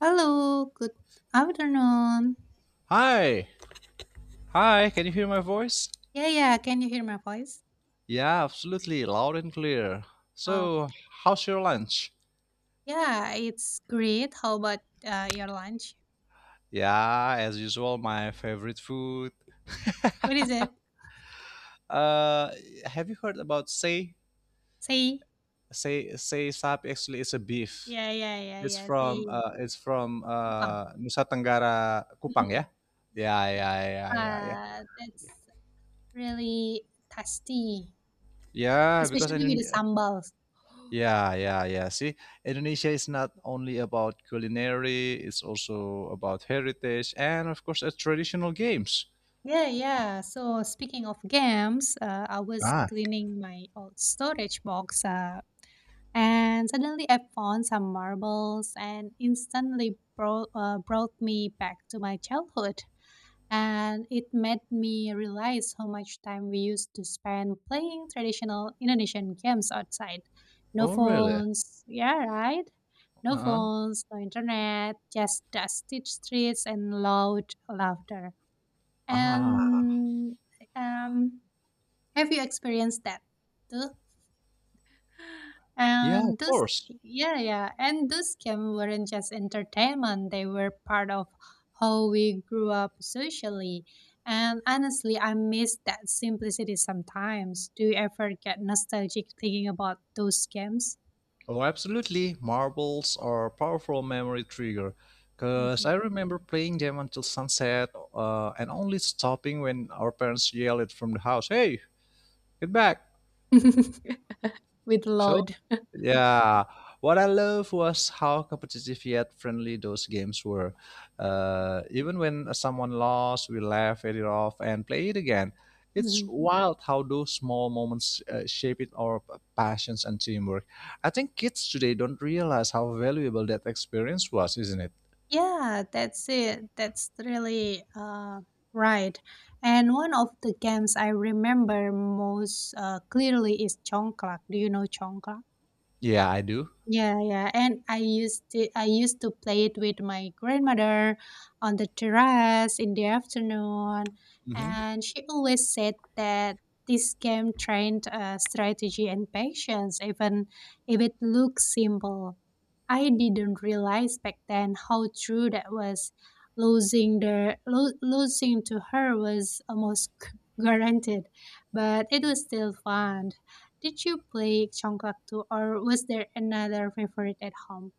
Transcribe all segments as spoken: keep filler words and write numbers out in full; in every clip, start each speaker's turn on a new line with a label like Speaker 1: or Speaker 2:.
Speaker 1: Hello, good afternoon.
Speaker 2: Hi, hi, can you hear my voice?
Speaker 1: Yeah, yeah, can you hear my voice?
Speaker 2: Yeah, absolutely, loud and clear.
Speaker 1: Oh,
Speaker 2: So, how's your lunch?
Speaker 1: yeah, it's great. How about uh, your lunch?
Speaker 2: Yeah, as usual, my favorite food.
Speaker 1: What is it?
Speaker 2: Uh, have you heard about say
Speaker 1: Say.
Speaker 2: say say sap? Actually, it's a beef.
Speaker 1: Yeah, yeah, yeah,
Speaker 2: It's
Speaker 1: yeah. Say.
Speaker 2: from uh, it's from
Speaker 1: Tumpang.
Speaker 2: uh, Nusa Tenggara Kupang,
Speaker 1: Mm.
Speaker 2: yeah. Yeah, yeah, yeah, yeah, yeah.
Speaker 1: Yeah. Uh, that's really tasty,
Speaker 2: Yeah, because
Speaker 1: especially with the
Speaker 2: Indone-
Speaker 1: sambals.
Speaker 2: Yeah, yeah, yeah. See, Indonesia is not only about culinary, it's also about heritage and, of course, uh, traditional games.
Speaker 1: Yeah, yeah. So speaking of games, uh, I was
Speaker 2: Ah,
Speaker 1: cleaning my old storage box, uh, And suddenly I found some marbles and instantly brought, uh, brought me back to my childhood. And it made me realize how much time we used to spend playing traditional Indonesian games outside. No
Speaker 2: oh, really?
Speaker 1: phones, yeah, right? No
Speaker 2: Uh-huh.
Speaker 1: phones, no internet, just dusty streets and loud laughter.
Speaker 2: Ah,
Speaker 1: And um, have you experienced that too?
Speaker 2: yeah, of
Speaker 1: And this,
Speaker 2: course.
Speaker 1: yeah, yeah. And this scam weren't just entertainment, they were part of how we grew up socially. And honestly, I miss that simplicity sometimes. Do you ever get nostalgic thinking about those scams?
Speaker 2: Oh, absolutely. Marbles are a powerful memory trigger. Because I
Speaker 1: Hmm.
Speaker 2: remember playing them until sunset uh, and only stopping when our parents yelled it from the house, Hey, get back!
Speaker 1: With
Speaker 2: So.
Speaker 1: load.
Speaker 2: Yeah. What I love was how competitive yet friendly those games were.
Speaker 1: Yeah.
Speaker 2: Uh, even when someone lost, we laughed it off and play it again. It's
Speaker 1: Mhm.
Speaker 2: wild how those small moments uh, shape it our p- passions and teamwork. I think kids today don't realize how valuable that experience was, isn't it?
Speaker 1: Yeah, that's it. That's really uh, right. And one of the games I remember most uh, clearly is Chongklak. Do you know Chongklak?
Speaker 2: Yeah, I do.
Speaker 1: Yeah, yeah. And I used to I used to play it with my grandmother on the terrace in the afternoon,
Speaker 2: Mhm.
Speaker 1: and she always said that this game trained uh, strategy and patience, even if it looks simple. I didn't realize back then how true that was. Losing the lo- losing to her was almost guaranteed, but it was still fun. Did you play Congkak too, or was there another favorite at home?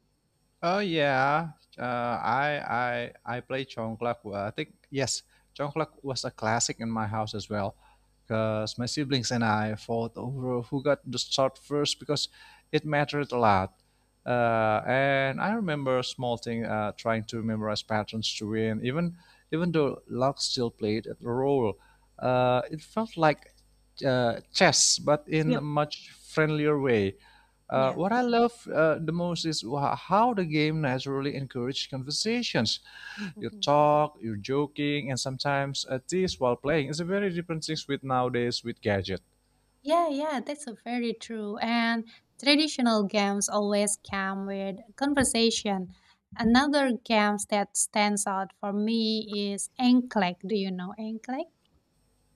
Speaker 2: Oh yeah, uh, I I I play Congklak. Well, I think yes, Congklak was a classic in my house as well, because my siblings and I fought over who got the start first because it mattered a lot. Uh, and I remember a small thing, uh, trying to memorize patterns to win. Even even though luck still played a role, uh, it felt like uh, chess, but in a
Speaker 1: Yep.
Speaker 2: much friendlier way. Uh,
Speaker 1: Yeah.
Speaker 2: what I love uh, the most is wha- how the game naturally encourages conversations. You
Speaker 1: Hmm.
Speaker 2: talk, you're joking, and sometimes a tease while playing. It's a very different thing with nowadays with gadget.
Speaker 1: Yeah, yeah, that's a very true. And traditional games always come with conversation. Another games that stands out for me is Enclick. Do you know Enclick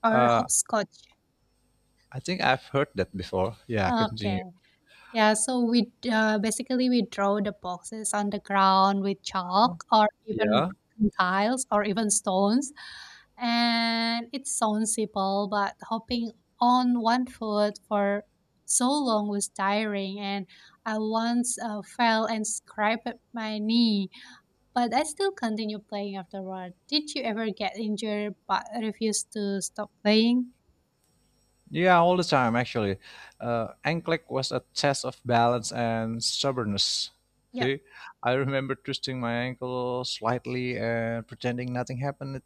Speaker 1: or hopscotch?
Speaker 2: I think I've heard that before. Yeah,
Speaker 1: Okay.
Speaker 2: continue.
Speaker 1: Yeah, so we uh, basically we draw the boxes on the ground with chalk or even
Speaker 2: Yeah.
Speaker 1: broken tiles or even stones. And it sounds simple, but hopping on one foot for so long was tiring. And I once uh, fell and scraped my knee, but I still continue playing afterward. Did you ever get injured but refuse to stop playing?
Speaker 2: Yeah, all the time actually. Uh, N C L E X was a test of balance and stubbornness.
Speaker 1: Yep.
Speaker 2: See, I remember twisting my ankle slightly and pretending nothing happened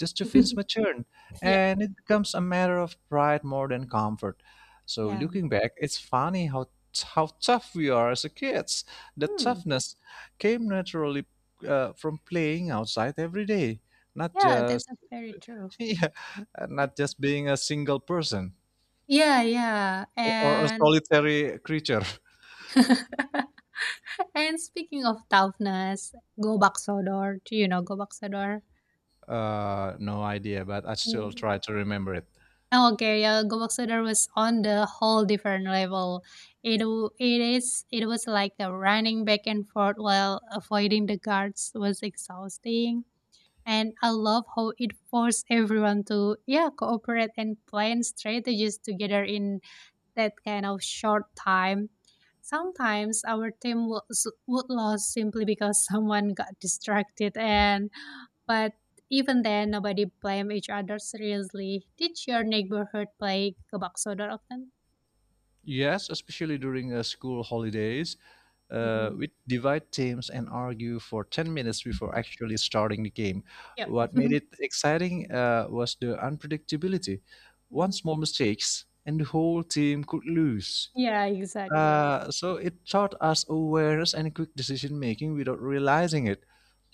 Speaker 2: just to finish my turn,
Speaker 1: Yep.
Speaker 2: and it becomes a matter of pride more than comfort. So
Speaker 1: Yeah.
Speaker 2: looking back, it's funny how how tough we are as a kids. The
Speaker 1: Hmm.
Speaker 2: toughness came naturally uh, from playing outside every day, not
Speaker 1: Yeah, that's
Speaker 2: just
Speaker 1: a very true.
Speaker 2: yeah, not just being a single person
Speaker 1: Yeah, yeah.
Speaker 2: or a
Speaker 1: And
Speaker 2: solitary creature.
Speaker 1: and speaking of toughness, go back Sodor. Do you know go back Sodor?
Speaker 2: Uh, no idea, but I still
Speaker 1: Mm.
Speaker 2: try to remember it.
Speaker 1: Okay, yeah, Gobak Sudar was on the whole different level. It w- it is it was like a running back and forth while avoiding the guards was exhausting. And I love how it forced everyone to, yeah, cooperate and plan strategies together in that kind of short time. Sometimes our team would, would lose simply because someone got distracted, and but even then nobody blame each other seriously. Did your neighborhood play kabak soda often?
Speaker 2: Yes, especially during uh, school holidays, uh,
Speaker 1: Mm-hmm.
Speaker 2: which divide teams and argue for 10 minutes before actually starting the game.
Speaker 1: Yep.
Speaker 2: What made it exciting uh, was the unpredictability. One
Speaker 1: Mhm.
Speaker 2: small mistake, and the whole team could lose.
Speaker 1: Yeah, exactly.
Speaker 2: Uh, so it taught us awareness and quick decision making without realizing it.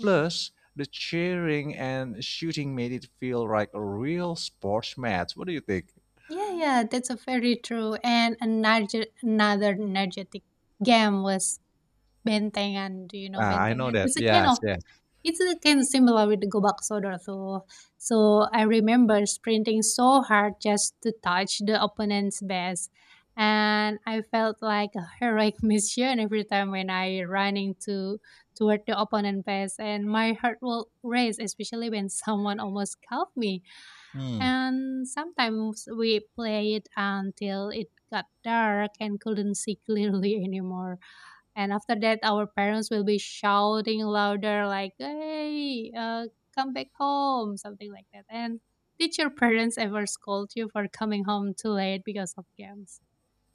Speaker 1: Mm-hmm.
Speaker 2: Plus, the cheering and shooting made it feel like a real sports match. What do you think?
Speaker 1: Yeah, yeah, that's a very true. And another another energetic game was Bentengan. Do you know
Speaker 2: Ah, I know
Speaker 1: Bentengan?
Speaker 2: that.
Speaker 1: It's a kind of
Speaker 2: Yes, yes.
Speaker 1: it's a kind of similar with the Gobak Sodor. So, so I remember sprinting so hard just to touch the opponent's base, and I felt like a heroic mission every time when I running to toward the opponent base, and my heart will race, especially when someone almost caught me,
Speaker 2: Hmm.
Speaker 1: and sometimes we played until it got dark and couldn't see clearly anymore. And after that, our parents will be shouting louder, like, hey, uh, come back home, something like that. And did your parents ever scold you for coming home too late because of games?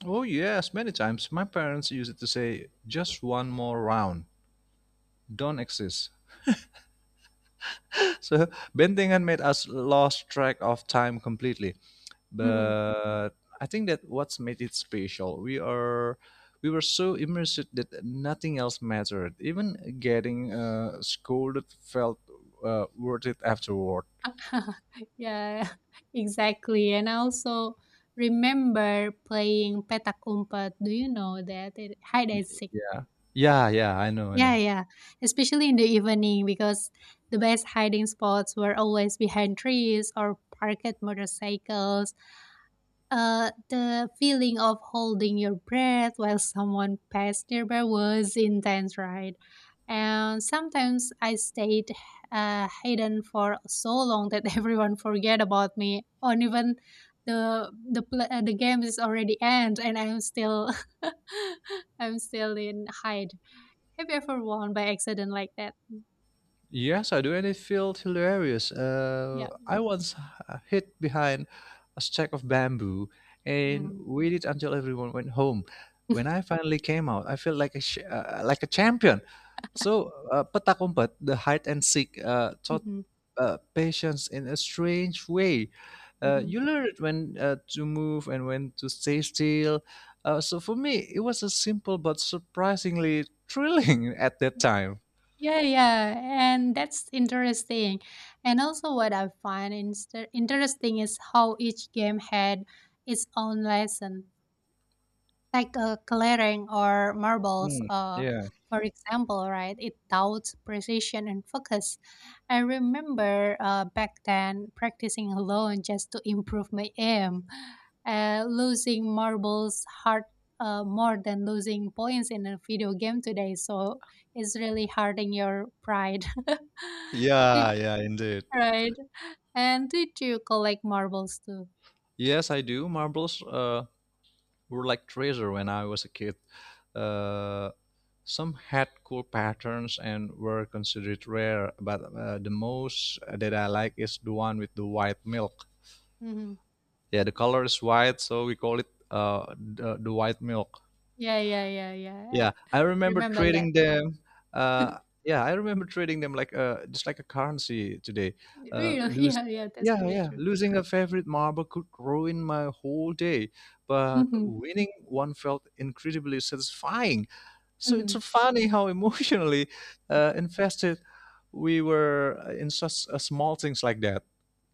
Speaker 2: Oh, yes, many times. My parents used to say, just one more round, don't exist. So, Bentingan made us lost track of time completely.
Speaker 1: Hmm.
Speaker 2: But I think that what's made it special, we are. We were so immersed that nothing else mattered. Even getting uh, scolded felt uh, worth it afterward.
Speaker 1: Yeah, exactly. And I also remember playing petak umpet. Do you know that? It, hide
Speaker 2: Y-
Speaker 1: and seek.
Speaker 2: Yeah. Yeah, yeah, I know, I
Speaker 1: Yeah,
Speaker 2: know.
Speaker 1: yeah. Especially in the evening because the best hiding spots were always behind trees or parked motorcycles. Uh, the feeling of holding your breath while someone passed nearby was intense, right? And sometimes I stayed uh, hidden for so long that everyone forget about me, or even the the pl- uh, the game is already end, and I'm still I'm still in hide. Have you ever won by accident like that?
Speaker 2: Yes, I do, and it felt hilarious. Uh,
Speaker 1: Yeah.
Speaker 2: I once h- hid behind a stack of bamboo and
Speaker 1: Mm.
Speaker 2: waited until everyone went home. When I finally came out, I felt like a sh- uh, like a champion. So, uh, petak umpet, the hide and seek, uh, taught
Speaker 1: Mhm,
Speaker 2: uh, patience in a strange way. Uh,
Speaker 1: mhm.
Speaker 2: you learn when uh, to move and when to stay still. Uh, so for me, it was a simple but surprisingly thrilling at that time.
Speaker 1: Yeah, yeah, and that's interesting. And also what I find inst interesting is how each game had its own lesson. Like a clearing or marbles,
Speaker 2: Hmm.
Speaker 1: uh,
Speaker 2: Yeah.
Speaker 1: for example, right? It doubts precision and focus. I remember uh, back then practicing alone just to improve my aim, uh, losing marbles hard, uh, more than losing points in a video game today. So it's really hurting your pride. did,
Speaker 2: Did
Speaker 1: right? And did you collect marbles too?
Speaker 2: Yes, I do. Marbles uh, were like treasure when I was a kid. Uh, some had cool patterns and were considered rare, but uh, the most that I like is the one with the white milk.
Speaker 1: Hmm.
Speaker 2: Yeah, the color is white, so we call it uh, the, the white milk.
Speaker 1: Yeah, yeah, yeah, yeah.
Speaker 2: Yeah, I
Speaker 1: I
Speaker 2: remember
Speaker 1: remember that.
Speaker 2: trading them. Uh, yeah, I remember trading them like uh, just like a currency today. Uh,
Speaker 1: Real,
Speaker 2: lose.
Speaker 1: yeah, yeah, that's
Speaker 2: Yeah,
Speaker 1: very
Speaker 2: yeah.
Speaker 1: true.
Speaker 2: Losing a favorite marble could ruin my whole day, but
Speaker 1: Mhm,
Speaker 2: winning one felt incredibly satisfying. So it's so
Speaker 1: mhm.
Speaker 2: funny how emotionally uh, invested we were in such uh, small things like that.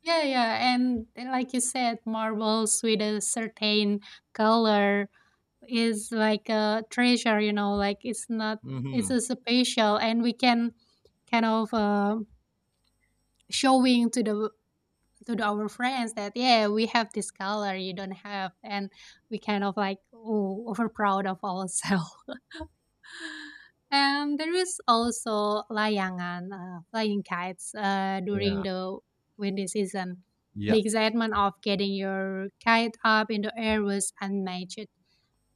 Speaker 1: Yeah, yeah, and then like you said, marbles with a certain color is like a treasure, you know, like it's not,
Speaker 2: Hmm.
Speaker 1: it's a special, and we can kind of uh, showing to the to the, our friends that, yeah, we have this color you don't have, and we kind of like, oh, over proud of ourselves. And there is also layangan, uh, flying kites uh, during
Speaker 2: Yeah,
Speaker 1: the windy season.
Speaker 2: yeah,
Speaker 1: The excitement of getting your kite up in the air was unmatched.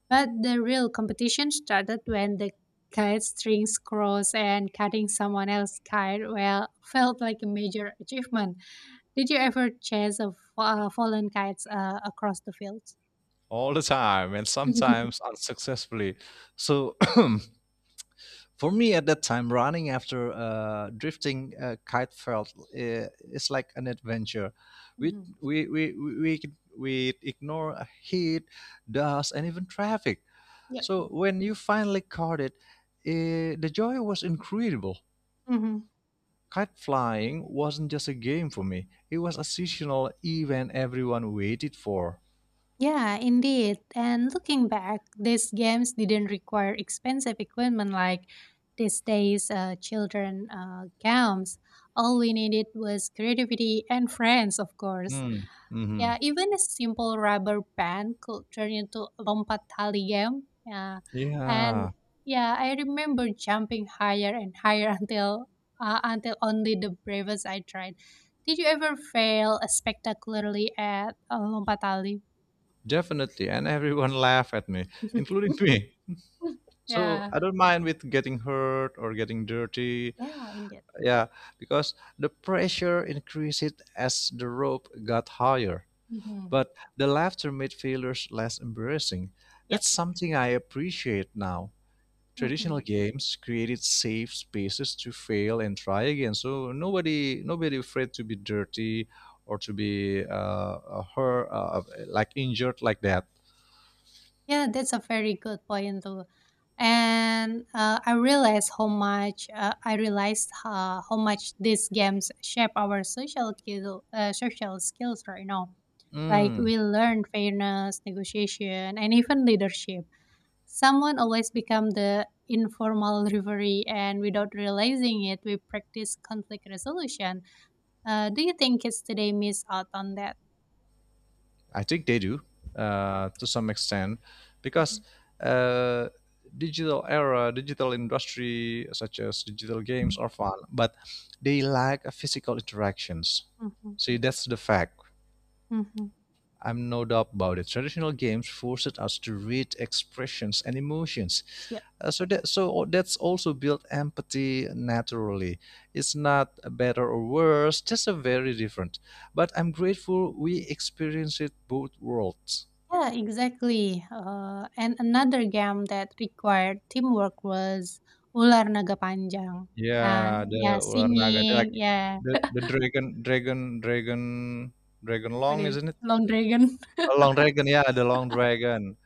Speaker 1: But the real competition started when the kite strings crossed, and cutting someone else's kite well felt like a major achievement. Did you ever chase a fa- uh, fallen kites uh, across the field?
Speaker 2: all the time, and sometimes unsuccessfully. So. For me at that time, running after uh, drifting uh, kite felt uh, is like an adventure. we
Speaker 1: Mhm.
Speaker 2: we we we, we we ignore heat, dust, and even traffic.
Speaker 1: Yeah.
Speaker 2: So when you finally caught it, eh, the joy was incredible.
Speaker 1: Mhm.
Speaker 2: Kite flying wasn't just a game for me; it was a seasonal event everyone waited for.
Speaker 1: Yeah, indeed. And looking back, these games didn't require expensive equipment like these days uh, children uh, games. All we needed was creativity and friends, of course.
Speaker 2: Hmm. Mhm.
Speaker 1: Yeah, even a simple rubber band could turn into a lompat tali game. Yeah, and
Speaker 2: Yeah,
Speaker 1: yeah, I remember jumping higher and higher until uh, until only the bravest I tried. Did you ever fail spectacularly at a lompat tali?
Speaker 2: definitely, and everyone laughed at me, including me. So
Speaker 1: Yeah.
Speaker 2: I don't mind with getting hurt or getting dirty.
Speaker 1: Yeah, indeed.
Speaker 2: Yeah, because the pressure increased as the rope got higher.
Speaker 1: Mhm.
Speaker 2: But the laughter made failures less embarrassing.
Speaker 1: Yep.
Speaker 2: That's something I appreciate now. Traditional
Speaker 1: Mhm.
Speaker 2: games created safe spaces to fail and try again. So nobody, nobody afraid to be dirty or to be uh, uh, hurt, uh, like injured like that.
Speaker 1: Yeah, that's a very good point too. And uh, I realized how much uh, I realized uh, how much these games shape our social skill, uh, social skills right now. Like
Speaker 2: Mm.
Speaker 1: we learn fairness, negotiation, and even leadership. Someone always become the informal referee, and without realizing it, we practice conflict resolution. Uh, do you think kids today miss out on that?
Speaker 2: I think they do uh, to some extent because
Speaker 1: Mm-hmm.
Speaker 2: uh, digital era, digital industry such as digital games are fun, but they lack a physical interactions.
Speaker 1: Mhm,
Speaker 2: See, that's the fact.
Speaker 1: mhm.
Speaker 2: I'm no doubt about it. Traditional games forced us to read expressions and emotions.
Speaker 1: Yeah,
Speaker 2: Uh, so that so o- that's also built empathy naturally. It's not better or worse, just a very different. But I'm grateful we experience it both worlds.
Speaker 1: yeah, exactly. Uh, and another game that required teamwork was Ular Naga Panjang. Uh,
Speaker 2: Yeah,
Speaker 1: yeah,
Speaker 2: the ular naga, the,
Speaker 1: singing.
Speaker 2: like
Speaker 1: Yeah,
Speaker 2: the the dragon, dragon, dragon, dragon
Speaker 1: what
Speaker 2: long,
Speaker 1: is
Speaker 2: isn't it?
Speaker 1: Long Dragon?
Speaker 2: A long dragon, yeah, the long dragon,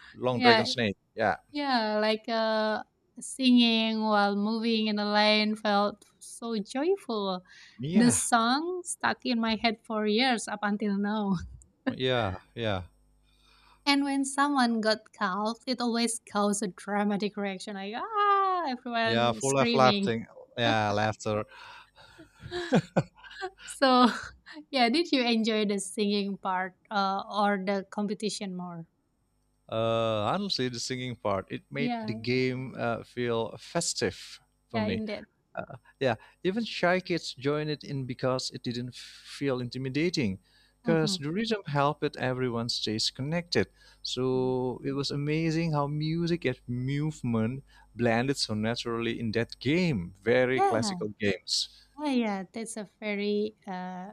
Speaker 2: long dragon
Speaker 1: Yeah,
Speaker 2: snake, yeah,
Speaker 1: yeah, like uh, singing while moving in a lane felt so joyful. The
Speaker 2: yeah,
Speaker 1: song stuck in my head for years up until now.
Speaker 2: yeah, yeah,
Speaker 1: And when someone got cuffed, it always caused a dramatic reaction, like, ah,
Speaker 2: yeah,
Speaker 1: everyone
Speaker 2: full of
Speaker 1: screaming.
Speaker 2: laughing, yeah, laughter.
Speaker 1: So, yeah, did you enjoy the singing part uh, or the competition more?
Speaker 2: Uh, honestly, the singing part it made the
Speaker 1: Yeah,
Speaker 2: game uh, feel festive for
Speaker 1: yeah,
Speaker 2: me.
Speaker 1: indeed.
Speaker 2: Uh, Yeah, even shy kids joined it in because it didn't feel intimidating.
Speaker 1: Mm-hmm.
Speaker 2: Because the rhythm helped everyone stays connected. So it was amazing how music and movement blended so naturally in that game. Very
Speaker 1: Yeah,
Speaker 2: classical games.
Speaker 1: yeah, yeah. That's a very uh,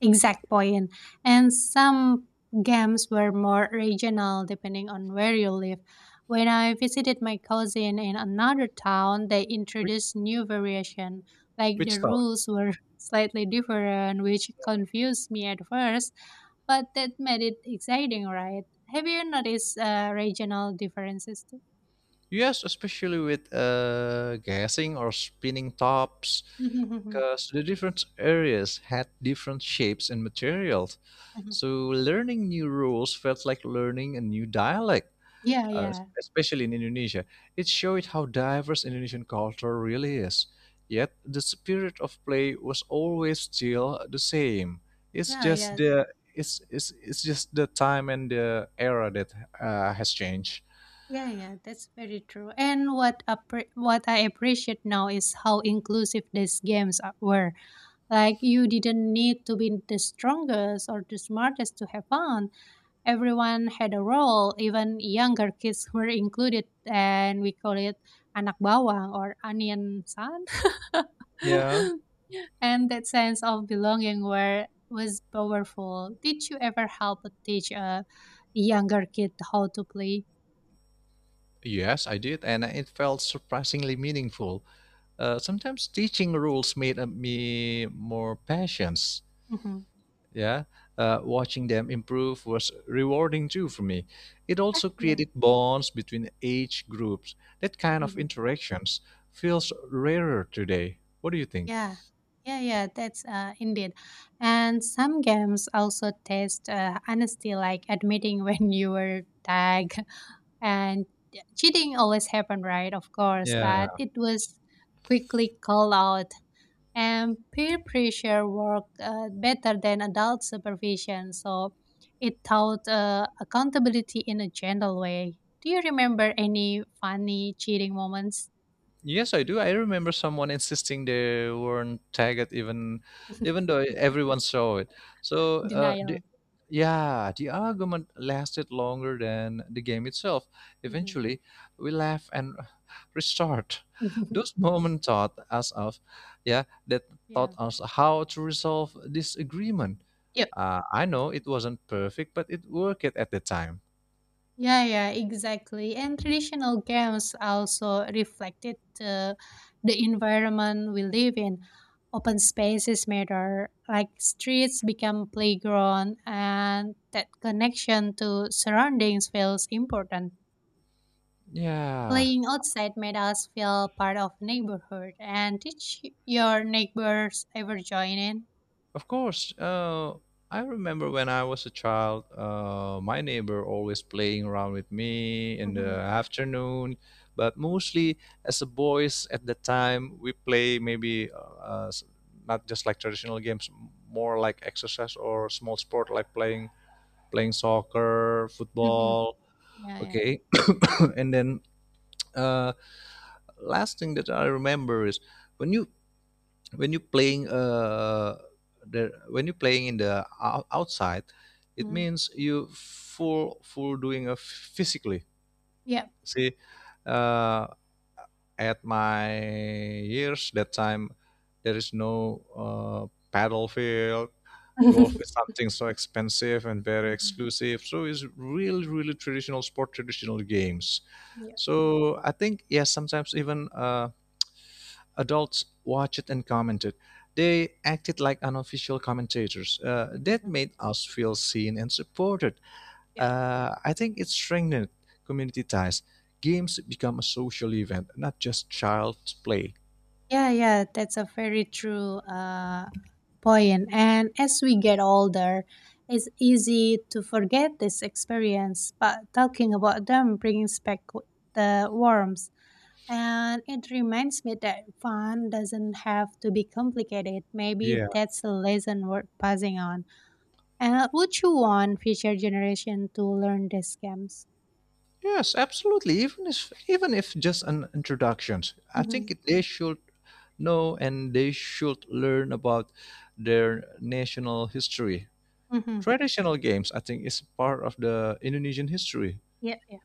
Speaker 1: Exact point. And some games were more regional depending on where you live. When I visited my cousin in another town, they
Speaker 2: Which,
Speaker 1: introduced new variation. Like,
Speaker 2: which
Speaker 1: the
Speaker 2: style?
Speaker 1: rules were slightly different, which confused me at first, but that made it exciting, right? Have you noticed uh, regional differences too?
Speaker 2: Yes, especially with uh, gassing or spinning tops, because the different areas had different shapes and materials. So learning new rules felt like learning a new dialect,
Speaker 1: Yeah,
Speaker 2: uh,
Speaker 1: yeah.
Speaker 2: especially in Indonesia. It showed how diverse Indonesian culture really is. Yet the spirit of play was always still the same. It's
Speaker 1: Yeah,
Speaker 2: just
Speaker 1: yeah.
Speaker 2: the it's, it's, it's just the time and the era that uh, has changed.
Speaker 1: Yeah, yeah, that's very true. And what appre- what I appreciate now is how inclusive these games are- were. Like, you didn't need to be the strongest or the smartest to have fun. Everyone had a role. Even younger kids were included, and we call it anak bawang or onion son.
Speaker 2: Yeah.
Speaker 1: And that sense of belonging were was powerful. Did you ever help teach a younger kid how to play?
Speaker 2: Yes, I did, and it felt surprisingly meaningful. Uh, sometimes teaching rules made uh, me more patient.
Speaker 1: Hmm.
Speaker 2: Yeah, uh, watching them improve was rewarding too for me. It also
Speaker 1: Yeah.
Speaker 2: created bonds between age groups. That kind of
Speaker 1: Mhm.
Speaker 2: interactions feels rarer today. What do you think?
Speaker 1: Yeah, yeah, yeah. That's uh, indeed. And some games also test uh, honesty, like admitting when you were tagged. And cheating always happened, right? Of course,
Speaker 2: Yeah.
Speaker 1: but it was quickly called out. And peer pressure worked uh, better than adult supervision, so it taught uh, accountability in a gentle way. Do you remember any funny cheating moments?
Speaker 2: Yes, I do. I remember someone insisting they weren't tagged, even even though everyone saw it. So, uh, the,
Speaker 1: Denial.
Speaker 2: yeah, the argument lasted longer than the game itself.
Speaker 1: Mhm.
Speaker 2: Eventually, we laugh and restart. Those moments taught us of, yeah, that
Speaker 1: Yeah.
Speaker 2: taught us how to resolve disagreement. Uh, I know it wasn't perfect, but it worked at the time.
Speaker 1: Yeah, yeah, exactly. And traditional games also reflected uh, the environment we live in. Open spaces matter, like streets become playground, and that connection to surroundings feels important.
Speaker 2: Yeah.
Speaker 1: Playing outside made us feel part of neighborhood. And did sh- your neighbors ever join in?
Speaker 2: Of course, uh, I remember when I was a child, uh, my neighbor always playing around with me in the
Speaker 1: Mm-hmm.
Speaker 2: afternoon. But mostly, as a boys at the time, we play maybe uh, uh, s- not just like traditional games, more like exercise or small sport, like playing playing soccer,
Speaker 1: Mm-hmm.
Speaker 2: football.
Speaker 1: Yeah, yeah.
Speaker 2: Okay, and then uh, last thing that I remember is when you when you're playing uh the when you're playing in the ou- outside. It
Speaker 1: Mm-hmm.
Speaker 2: means you full full doing a physically.
Speaker 1: Yeah.
Speaker 2: See, uh at my years that time, there is no uh paddle field. Golf is
Speaker 1: Mm.
Speaker 2: something so expensive and very
Speaker 1: Mm-hmm.
Speaker 2: exclusive, so it's really really traditional sport, traditional games.
Speaker 1: Yeah.
Speaker 2: So I think yes, sometimes even uh adults watched it and commented. They acted like unofficial commentators. Uh, that
Speaker 1: Mm-hmm.
Speaker 2: made us feel seen and supported.
Speaker 1: Yeah.
Speaker 2: Uh, I think it strengthened community ties. Games become a social event, not just child's play.
Speaker 1: Yeah, yeah, that's a very true uh, point. And as we get older, it's easy to forget this experience, but talking about them brings back w- the warmth. And it reminds me that fun doesn't have to be complicated. Maybe
Speaker 2: Yeah.
Speaker 1: that's a lesson worth passing on. And would you want future generation to learn these scams?
Speaker 2: Yes, absolutely. Even if even if just an introduction, I
Speaker 1: Mm-hmm.
Speaker 2: think it- they should know and they should learn about their national history.
Speaker 1: Mm-hmm.
Speaker 2: Traditional games, I think, is part of the Indonesian history.
Speaker 1: Yeah, yeah,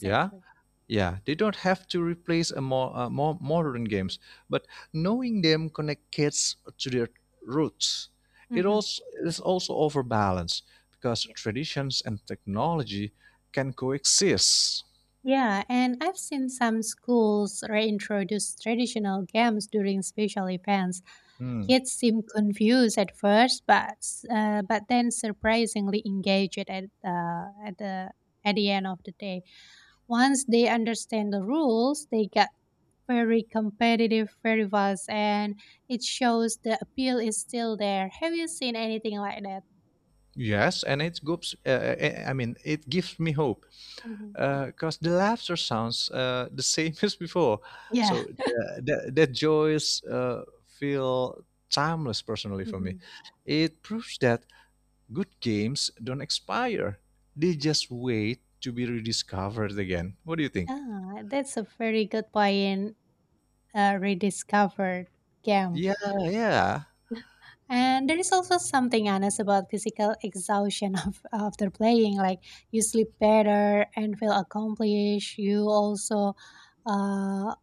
Speaker 2: Yeah. Yeah, they don't have to replace a more, uh, more modern games, but knowing them connect kids to their roots. It
Speaker 1: Mm-hmm.
Speaker 2: also is also overbalanced because
Speaker 1: Yeah.
Speaker 2: traditions and technology can coexist.
Speaker 1: Yeah, and I've seen some schools reintroduce traditional games during special events.
Speaker 2: Hmm.
Speaker 1: Kids seem confused at first, but s- uh, but then surprisingly engaged at the at the at the end of the day. Once they understand the rules, they get very competitive, very fast, and it shows the appeal is still there. Have you seen anything like that?
Speaker 2: Yes, and it gives. Uh, uh, I mean, it gives me hope
Speaker 1: Hmm.
Speaker 2: because the laughter sounds uh, the same as before.
Speaker 1: Yeah.
Speaker 2: So the, the, that joys uh, feel timeless personally for me.
Speaker 1: Hmm.
Speaker 2: It proves that good games don't expire. They just wait to be rediscovered again. What do you think?
Speaker 1: Ah, that's a very good point. uh, rediscovered game.
Speaker 2: Yeah, yeah.
Speaker 1: And there is also something honest about physical exhaustion of, after playing. Like you sleep better and feel accomplished. You also uh,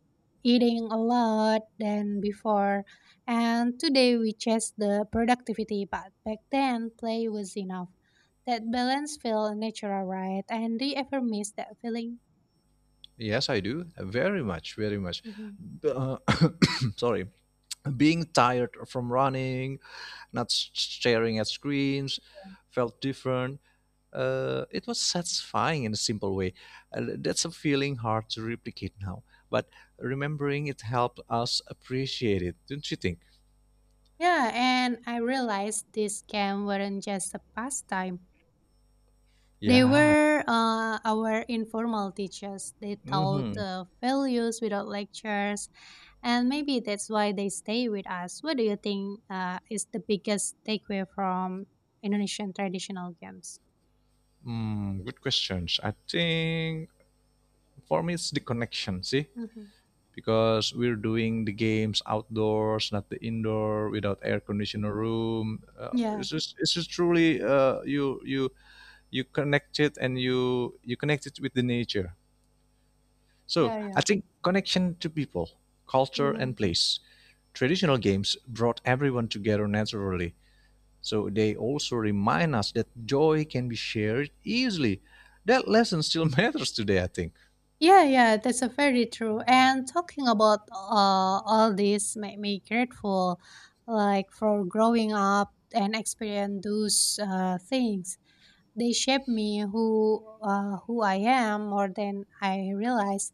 Speaker 1: eating a lot than before. And today we chase the productivity, but back then play was enough. That balance feel natural, right? And do you ever miss that feeling?
Speaker 2: Yes, I do. Very much, very much.
Speaker 1: Mhm,
Speaker 2: B- Uh, sorry. Being tired from running, not s- staring at screens, felt different. Uh, it was satisfying in a simple way. Uh,
Speaker 1: mhm.
Speaker 2: that's a feeling hard to replicate now. But remembering it helped us appreciate it, don't you think?
Speaker 1: Yeah, and I realized this game weren't just a pastime. They
Speaker 2: Yeah.
Speaker 1: were uh, our informal teachers. They taught
Speaker 2: Hmm.
Speaker 1: uh, values without lectures, and maybe that's why they stay with us. What do you think uh, is the biggest takeaway from Indonesian traditional games?
Speaker 2: Mm, good questions. I think for me it's the connection, see,
Speaker 1: Mm-hmm.
Speaker 2: because we're doing the games outdoors, not the indoor, without air
Speaker 1: Mm-hmm.
Speaker 2: conditioner room. Uh,
Speaker 1: Yeah.
Speaker 2: it's just it's just truly uh, you you you connect it and you you connect it with the nature. So
Speaker 1: Yeah, yeah.
Speaker 2: I think connection to people, culture, and
Speaker 1: Mm-hmm.
Speaker 2: place. Traditional games brought everyone together naturally, so they also remind us that joy can be shared easily. That lesson still matters today, I think.
Speaker 1: Yeah, yeah, that's a very true. And talking about uh, all this made me grateful, like for growing up and experience those uh, things. They shape me who uh, who I am more than I realize.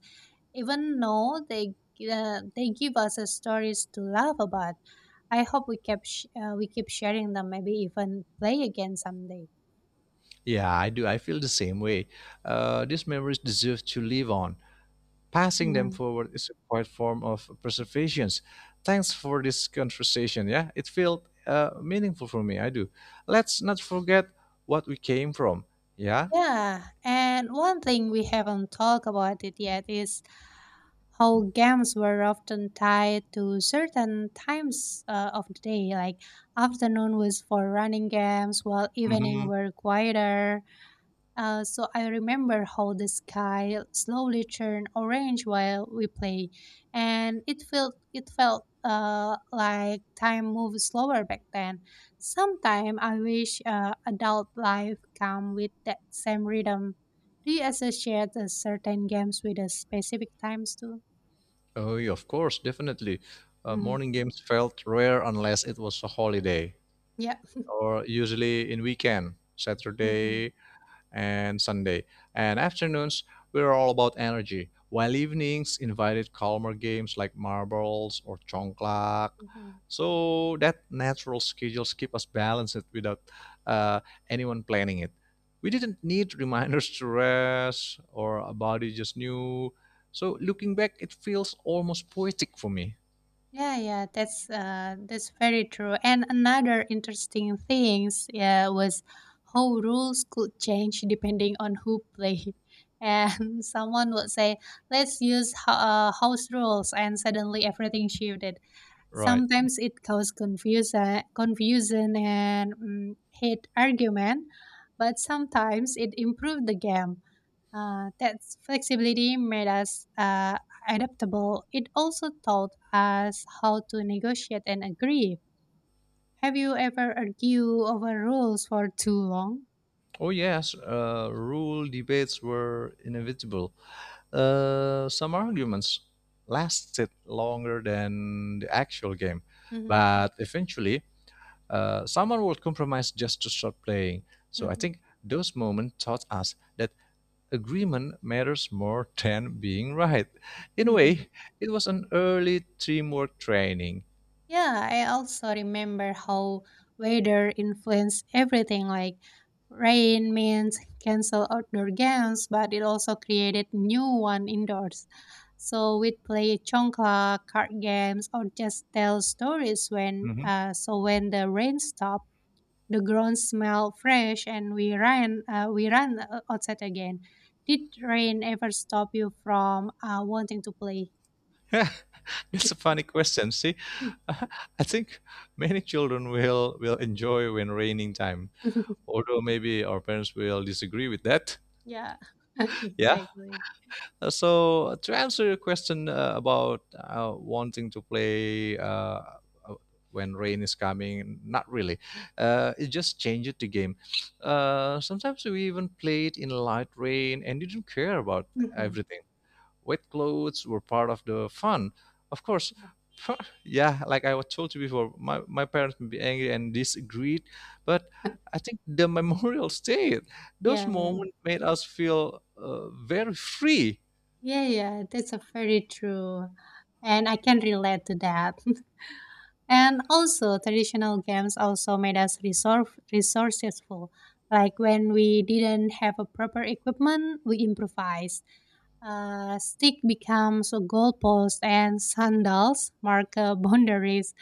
Speaker 1: Even though they uh, they give us uh, stories to laugh about. I hope we kept sh- uh, we keep sharing them. Maybe even play again someday.
Speaker 2: Yeah, I do. I feel the same way. Uh, these memories deserve to live on. Passing them
Speaker 1: Mhm.
Speaker 2: forward is a quiet form of preservation. Thanks for this conversation. Yeah, it felt uh, meaningful for me. I do. Let's not forget what we came from. Yeah.
Speaker 1: Yeah, and one thing we haven't talked about it yet is how games were often tied to certain times uh, of the day. Like afternoon was for running games, while evening
Speaker 2: hmm
Speaker 1: were quieter. Uh, so I remember how the sky slowly turned orange while we play, and it felt it felt uh, like time moved slower back then. Sometimes I wish uh, adult life come with that same rhythm. Do you associate uh, certain games with a specific times too?
Speaker 2: Oh, yeah, of course, definitely. Uh,
Speaker 1: Mm,
Speaker 2: morning games felt rare unless it was a holiday,
Speaker 1: yeah.
Speaker 2: or usually in weekend,
Speaker 1: hmm
Speaker 2: Saturday and Sunday. And afternoons, we're all about energy, while evenings invited calmer games like marbles or chongklak. So that natural schedules keep us balanced without uh, anyone planning it. We didn't need reminders to rest, or our body just knew. So looking back, it feels almost poetic for me.
Speaker 1: Yeah, yeah, that's uh, that's very true. And another interesting things, yeah, was how rules could change depending on who play. And someone would say, "Let's use ho- uh, house rules," and suddenly everything shifted.
Speaker 2: Right.
Speaker 1: Sometimes it causes confusion, confusion and mm, hate argument, but sometimes it improved the game. Uh, that flexibility made us uh, adaptable. It also taught us how to negotiate and agree. Have you ever argued over rules for too long?
Speaker 2: Oh yes, uh, rule debates were inevitable. Uh, some arguments lasted longer than the actual game,
Speaker 1: Mhm,
Speaker 2: but eventually, uh, someone would compromise just to stop playing. So I
Speaker 1: mhm,
Speaker 2: think those moments taught us that agreement matters more than being right. In a
Speaker 1: mhm.
Speaker 2: way, it was an early teamwork training.
Speaker 1: Yeah, I also remember how weather influenced everything. Like rain means cancel outdoor games, but it also created new one indoors. So we'd play chongkla, card games, or just tell stories when.
Speaker 2: Mhm.
Speaker 1: Uh, so when the rain stopped, the ground smelled fresh, and we ran. Uh, we ran uh, outside again. Did rain ever stop you from uh, wanting to play?
Speaker 2: That's a funny question. See, I think many children will will enjoy when raining time, although maybe our parents will disagree with that.
Speaker 1: Yeah,
Speaker 2: Yeah.
Speaker 1: exactly.
Speaker 2: Uh, so to answer your question uh, about uh, wanting to play uh, uh, when rain is coming, not really. Uh, it just changes the game. Uh, sometimes we even played in light rain and didn't care about
Speaker 1: Mhm.
Speaker 2: everything. Wet clothes were part of the fun, of course. Yeah, like I was told you before, my, my parents may be angry and disagreed, but I think the memorial stayed. Those
Speaker 1: Yeah, yeah, yeah,
Speaker 2: moments made us feel uh, very free.
Speaker 1: yeah, yeah, that's a very true, and I can relate to that. And also, traditional games also made us resource resourceful. Like when we didn't have a proper equipment, we improvised. Uh, stick becomes a goalpost, and sandals mark uh, boundaries.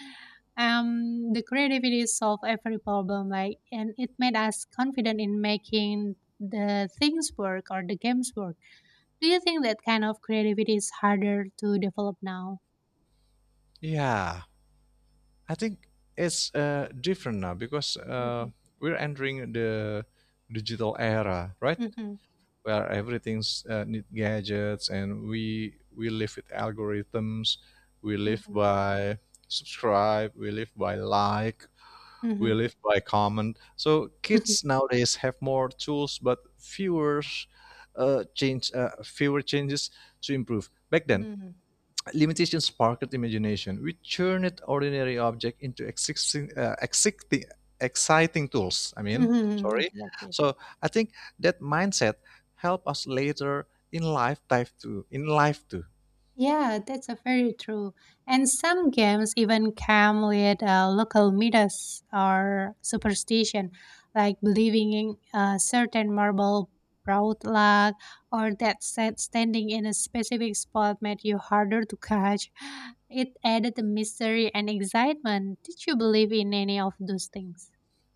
Speaker 1: Um, the creativity solved every problem, like, and it made us confident in making the things work or the games work. Do you think that kind of creativity is harder to develop now?
Speaker 2: Yeah, I think it's uh, different now because uh,
Speaker 1: Mhm,
Speaker 2: we're entering the digital era, right?
Speaker 1: mhm,
Speaker 2: Where everything's uh, need gadgets, and we we live with algorithms, we live
Speaker 1: mhm,
Speaker 2: by subscribe, we live by like, we
Speaker 1: mhm,
Speaker 2: live by comment. So
Speaker 1: mhm,
Speaker 2: kids nowadays have more tools, but fewer uh, change, uh, fewer changes to improve. Back then,
Speaker 1: mhm,
Speaker 2: limitations spark sparked imagination. We turn it ordinary object into existing, uh, exciting, exciting tools. I mean,
Speaker 1: mhm,
Speaker 2: sorry.
Speaker 1: exactly.
Speaker 2: So I think that mindset help us later in life dive to in life too.
Speaker 1: Yeah, that's a very true. And some games even come with uh, local myths or superstition, like believing in a certain marble brought luck, or that said standing in a specific spot made you harder to catch. It added the mystery and excitement. Did you believe in any of those things?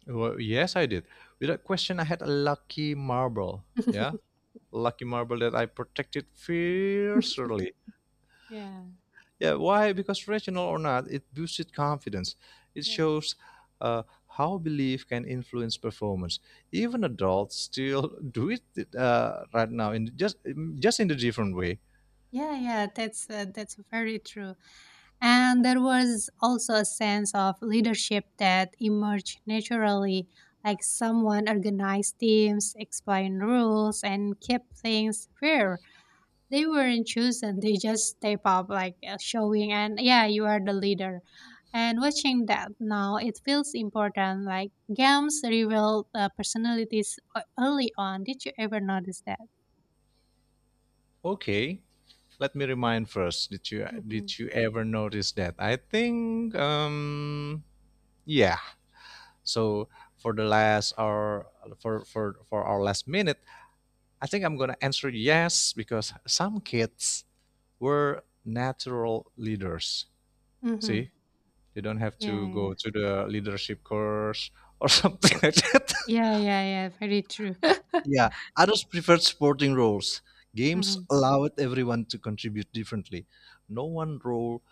Speaker 2: Well, yes, I did. Without question, I had a lucky marble. Yeah, lucky marble that I protected fiercely.
Speaker 1: Yeah,
Speaker 2: Yeah, why? Because rational or not, it boosted confidence. It
Speaker 1: yeah,
Speaker 2: shows uh, how belief can influence performance. Even adults still do it uh, right now in just um, just in a different way.
Speaker 1: yeah, yeah, That's uh, that's very true. And there was also a sense of leadership that emerged naturally, like someone organized teams, explained rules, and kept things fair. They weren't chosen, they just step up, like uh, showing, and yeah, you are the leader. And watching that now, it feels important. Like games reveal uh, personalities e- early on. Did you ever notice that?
Speaker 2: Okay, let me remind first. Did you
Speaker 1: Mm-hmm.
Speaker 2: did you ever notice that? I think um yeah. So for the last or for for for our last minute, I think I'm gonna answer yes because some kids were natural leaders.
Speaker 1: Mm-hmm.
Speaker 2: See, you don't have
Speaker 1: Yeah,
Speaker 2: to
Speaker 1: yeah,
Speaker 2: go to the leadership course or something like that.
Speaker 1: yeah, yeah, yeah. Very true.
Speaker 2: Yeah, others preferred sporting roles. Games allowed everyone to contribute differently. No one role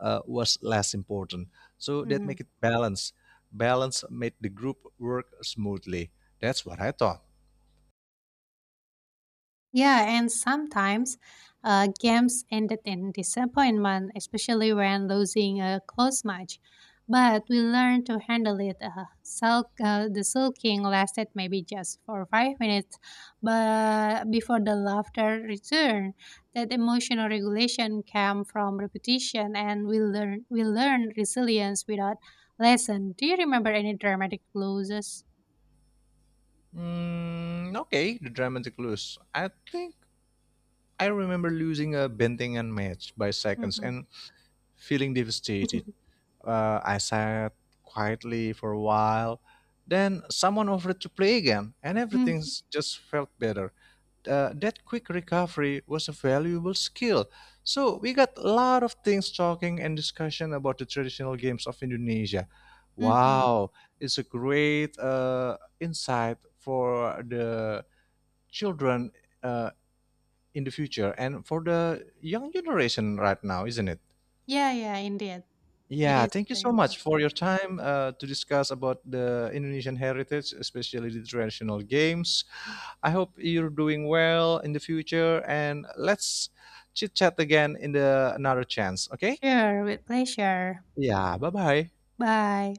Speaker 2: uh, was less important. So that
Speaker 1: Mm-hmm.
Speaker 2: make it balance. Balance made the group work smoothly. That's what I thought.
Speaker 1: Yeah, and sometimes uh, games ended in disappointment, especially when losing a close match. But we learned to handle it. Uh, sulk, uh, the sulking lasted maybe just for five minutes, but before the laughter returned, that emotional regulation came from repetition, and we learn we learn resilience without lesson. Do you remember any dramatic losses?
Speaker 2: Mm, okay, the dramatic lose. I think I remember losing a Bentingan match by seconds
Speaker 1: Hmm
Speaker 2: and feeling devastated. Uh, I sat quietly for a while. Then someone offered to play again, and everything s- just felt better. Uh, that quick recovery was a valuable skill. So we got a lot of things talking and discussion about the traditional games of Indonesia.
Speaker 1: hmm
Speaker 2: Wow, it's a great uh, insight for the children uh, in the future and for the young generation right now, isn't it?
Speaker 1: Yeah, yeah, indeed. It
Speaker 2: Yeah,
Speaker 1: is
Speaker 2: thank you
Speaker 1: very
Speaker 2: so much for
Speaker 1: important.
Speaker 2: your time uh, to discuss about the Indonesian heritage, especially the traditional games. I hope you're doing well in the future, and let's chit chat again in the another chance. Okay?
Speaker 1: Sure, with pleasure.
Speaker 2: Yeah. Bye bye.
Speaker 1: Bye.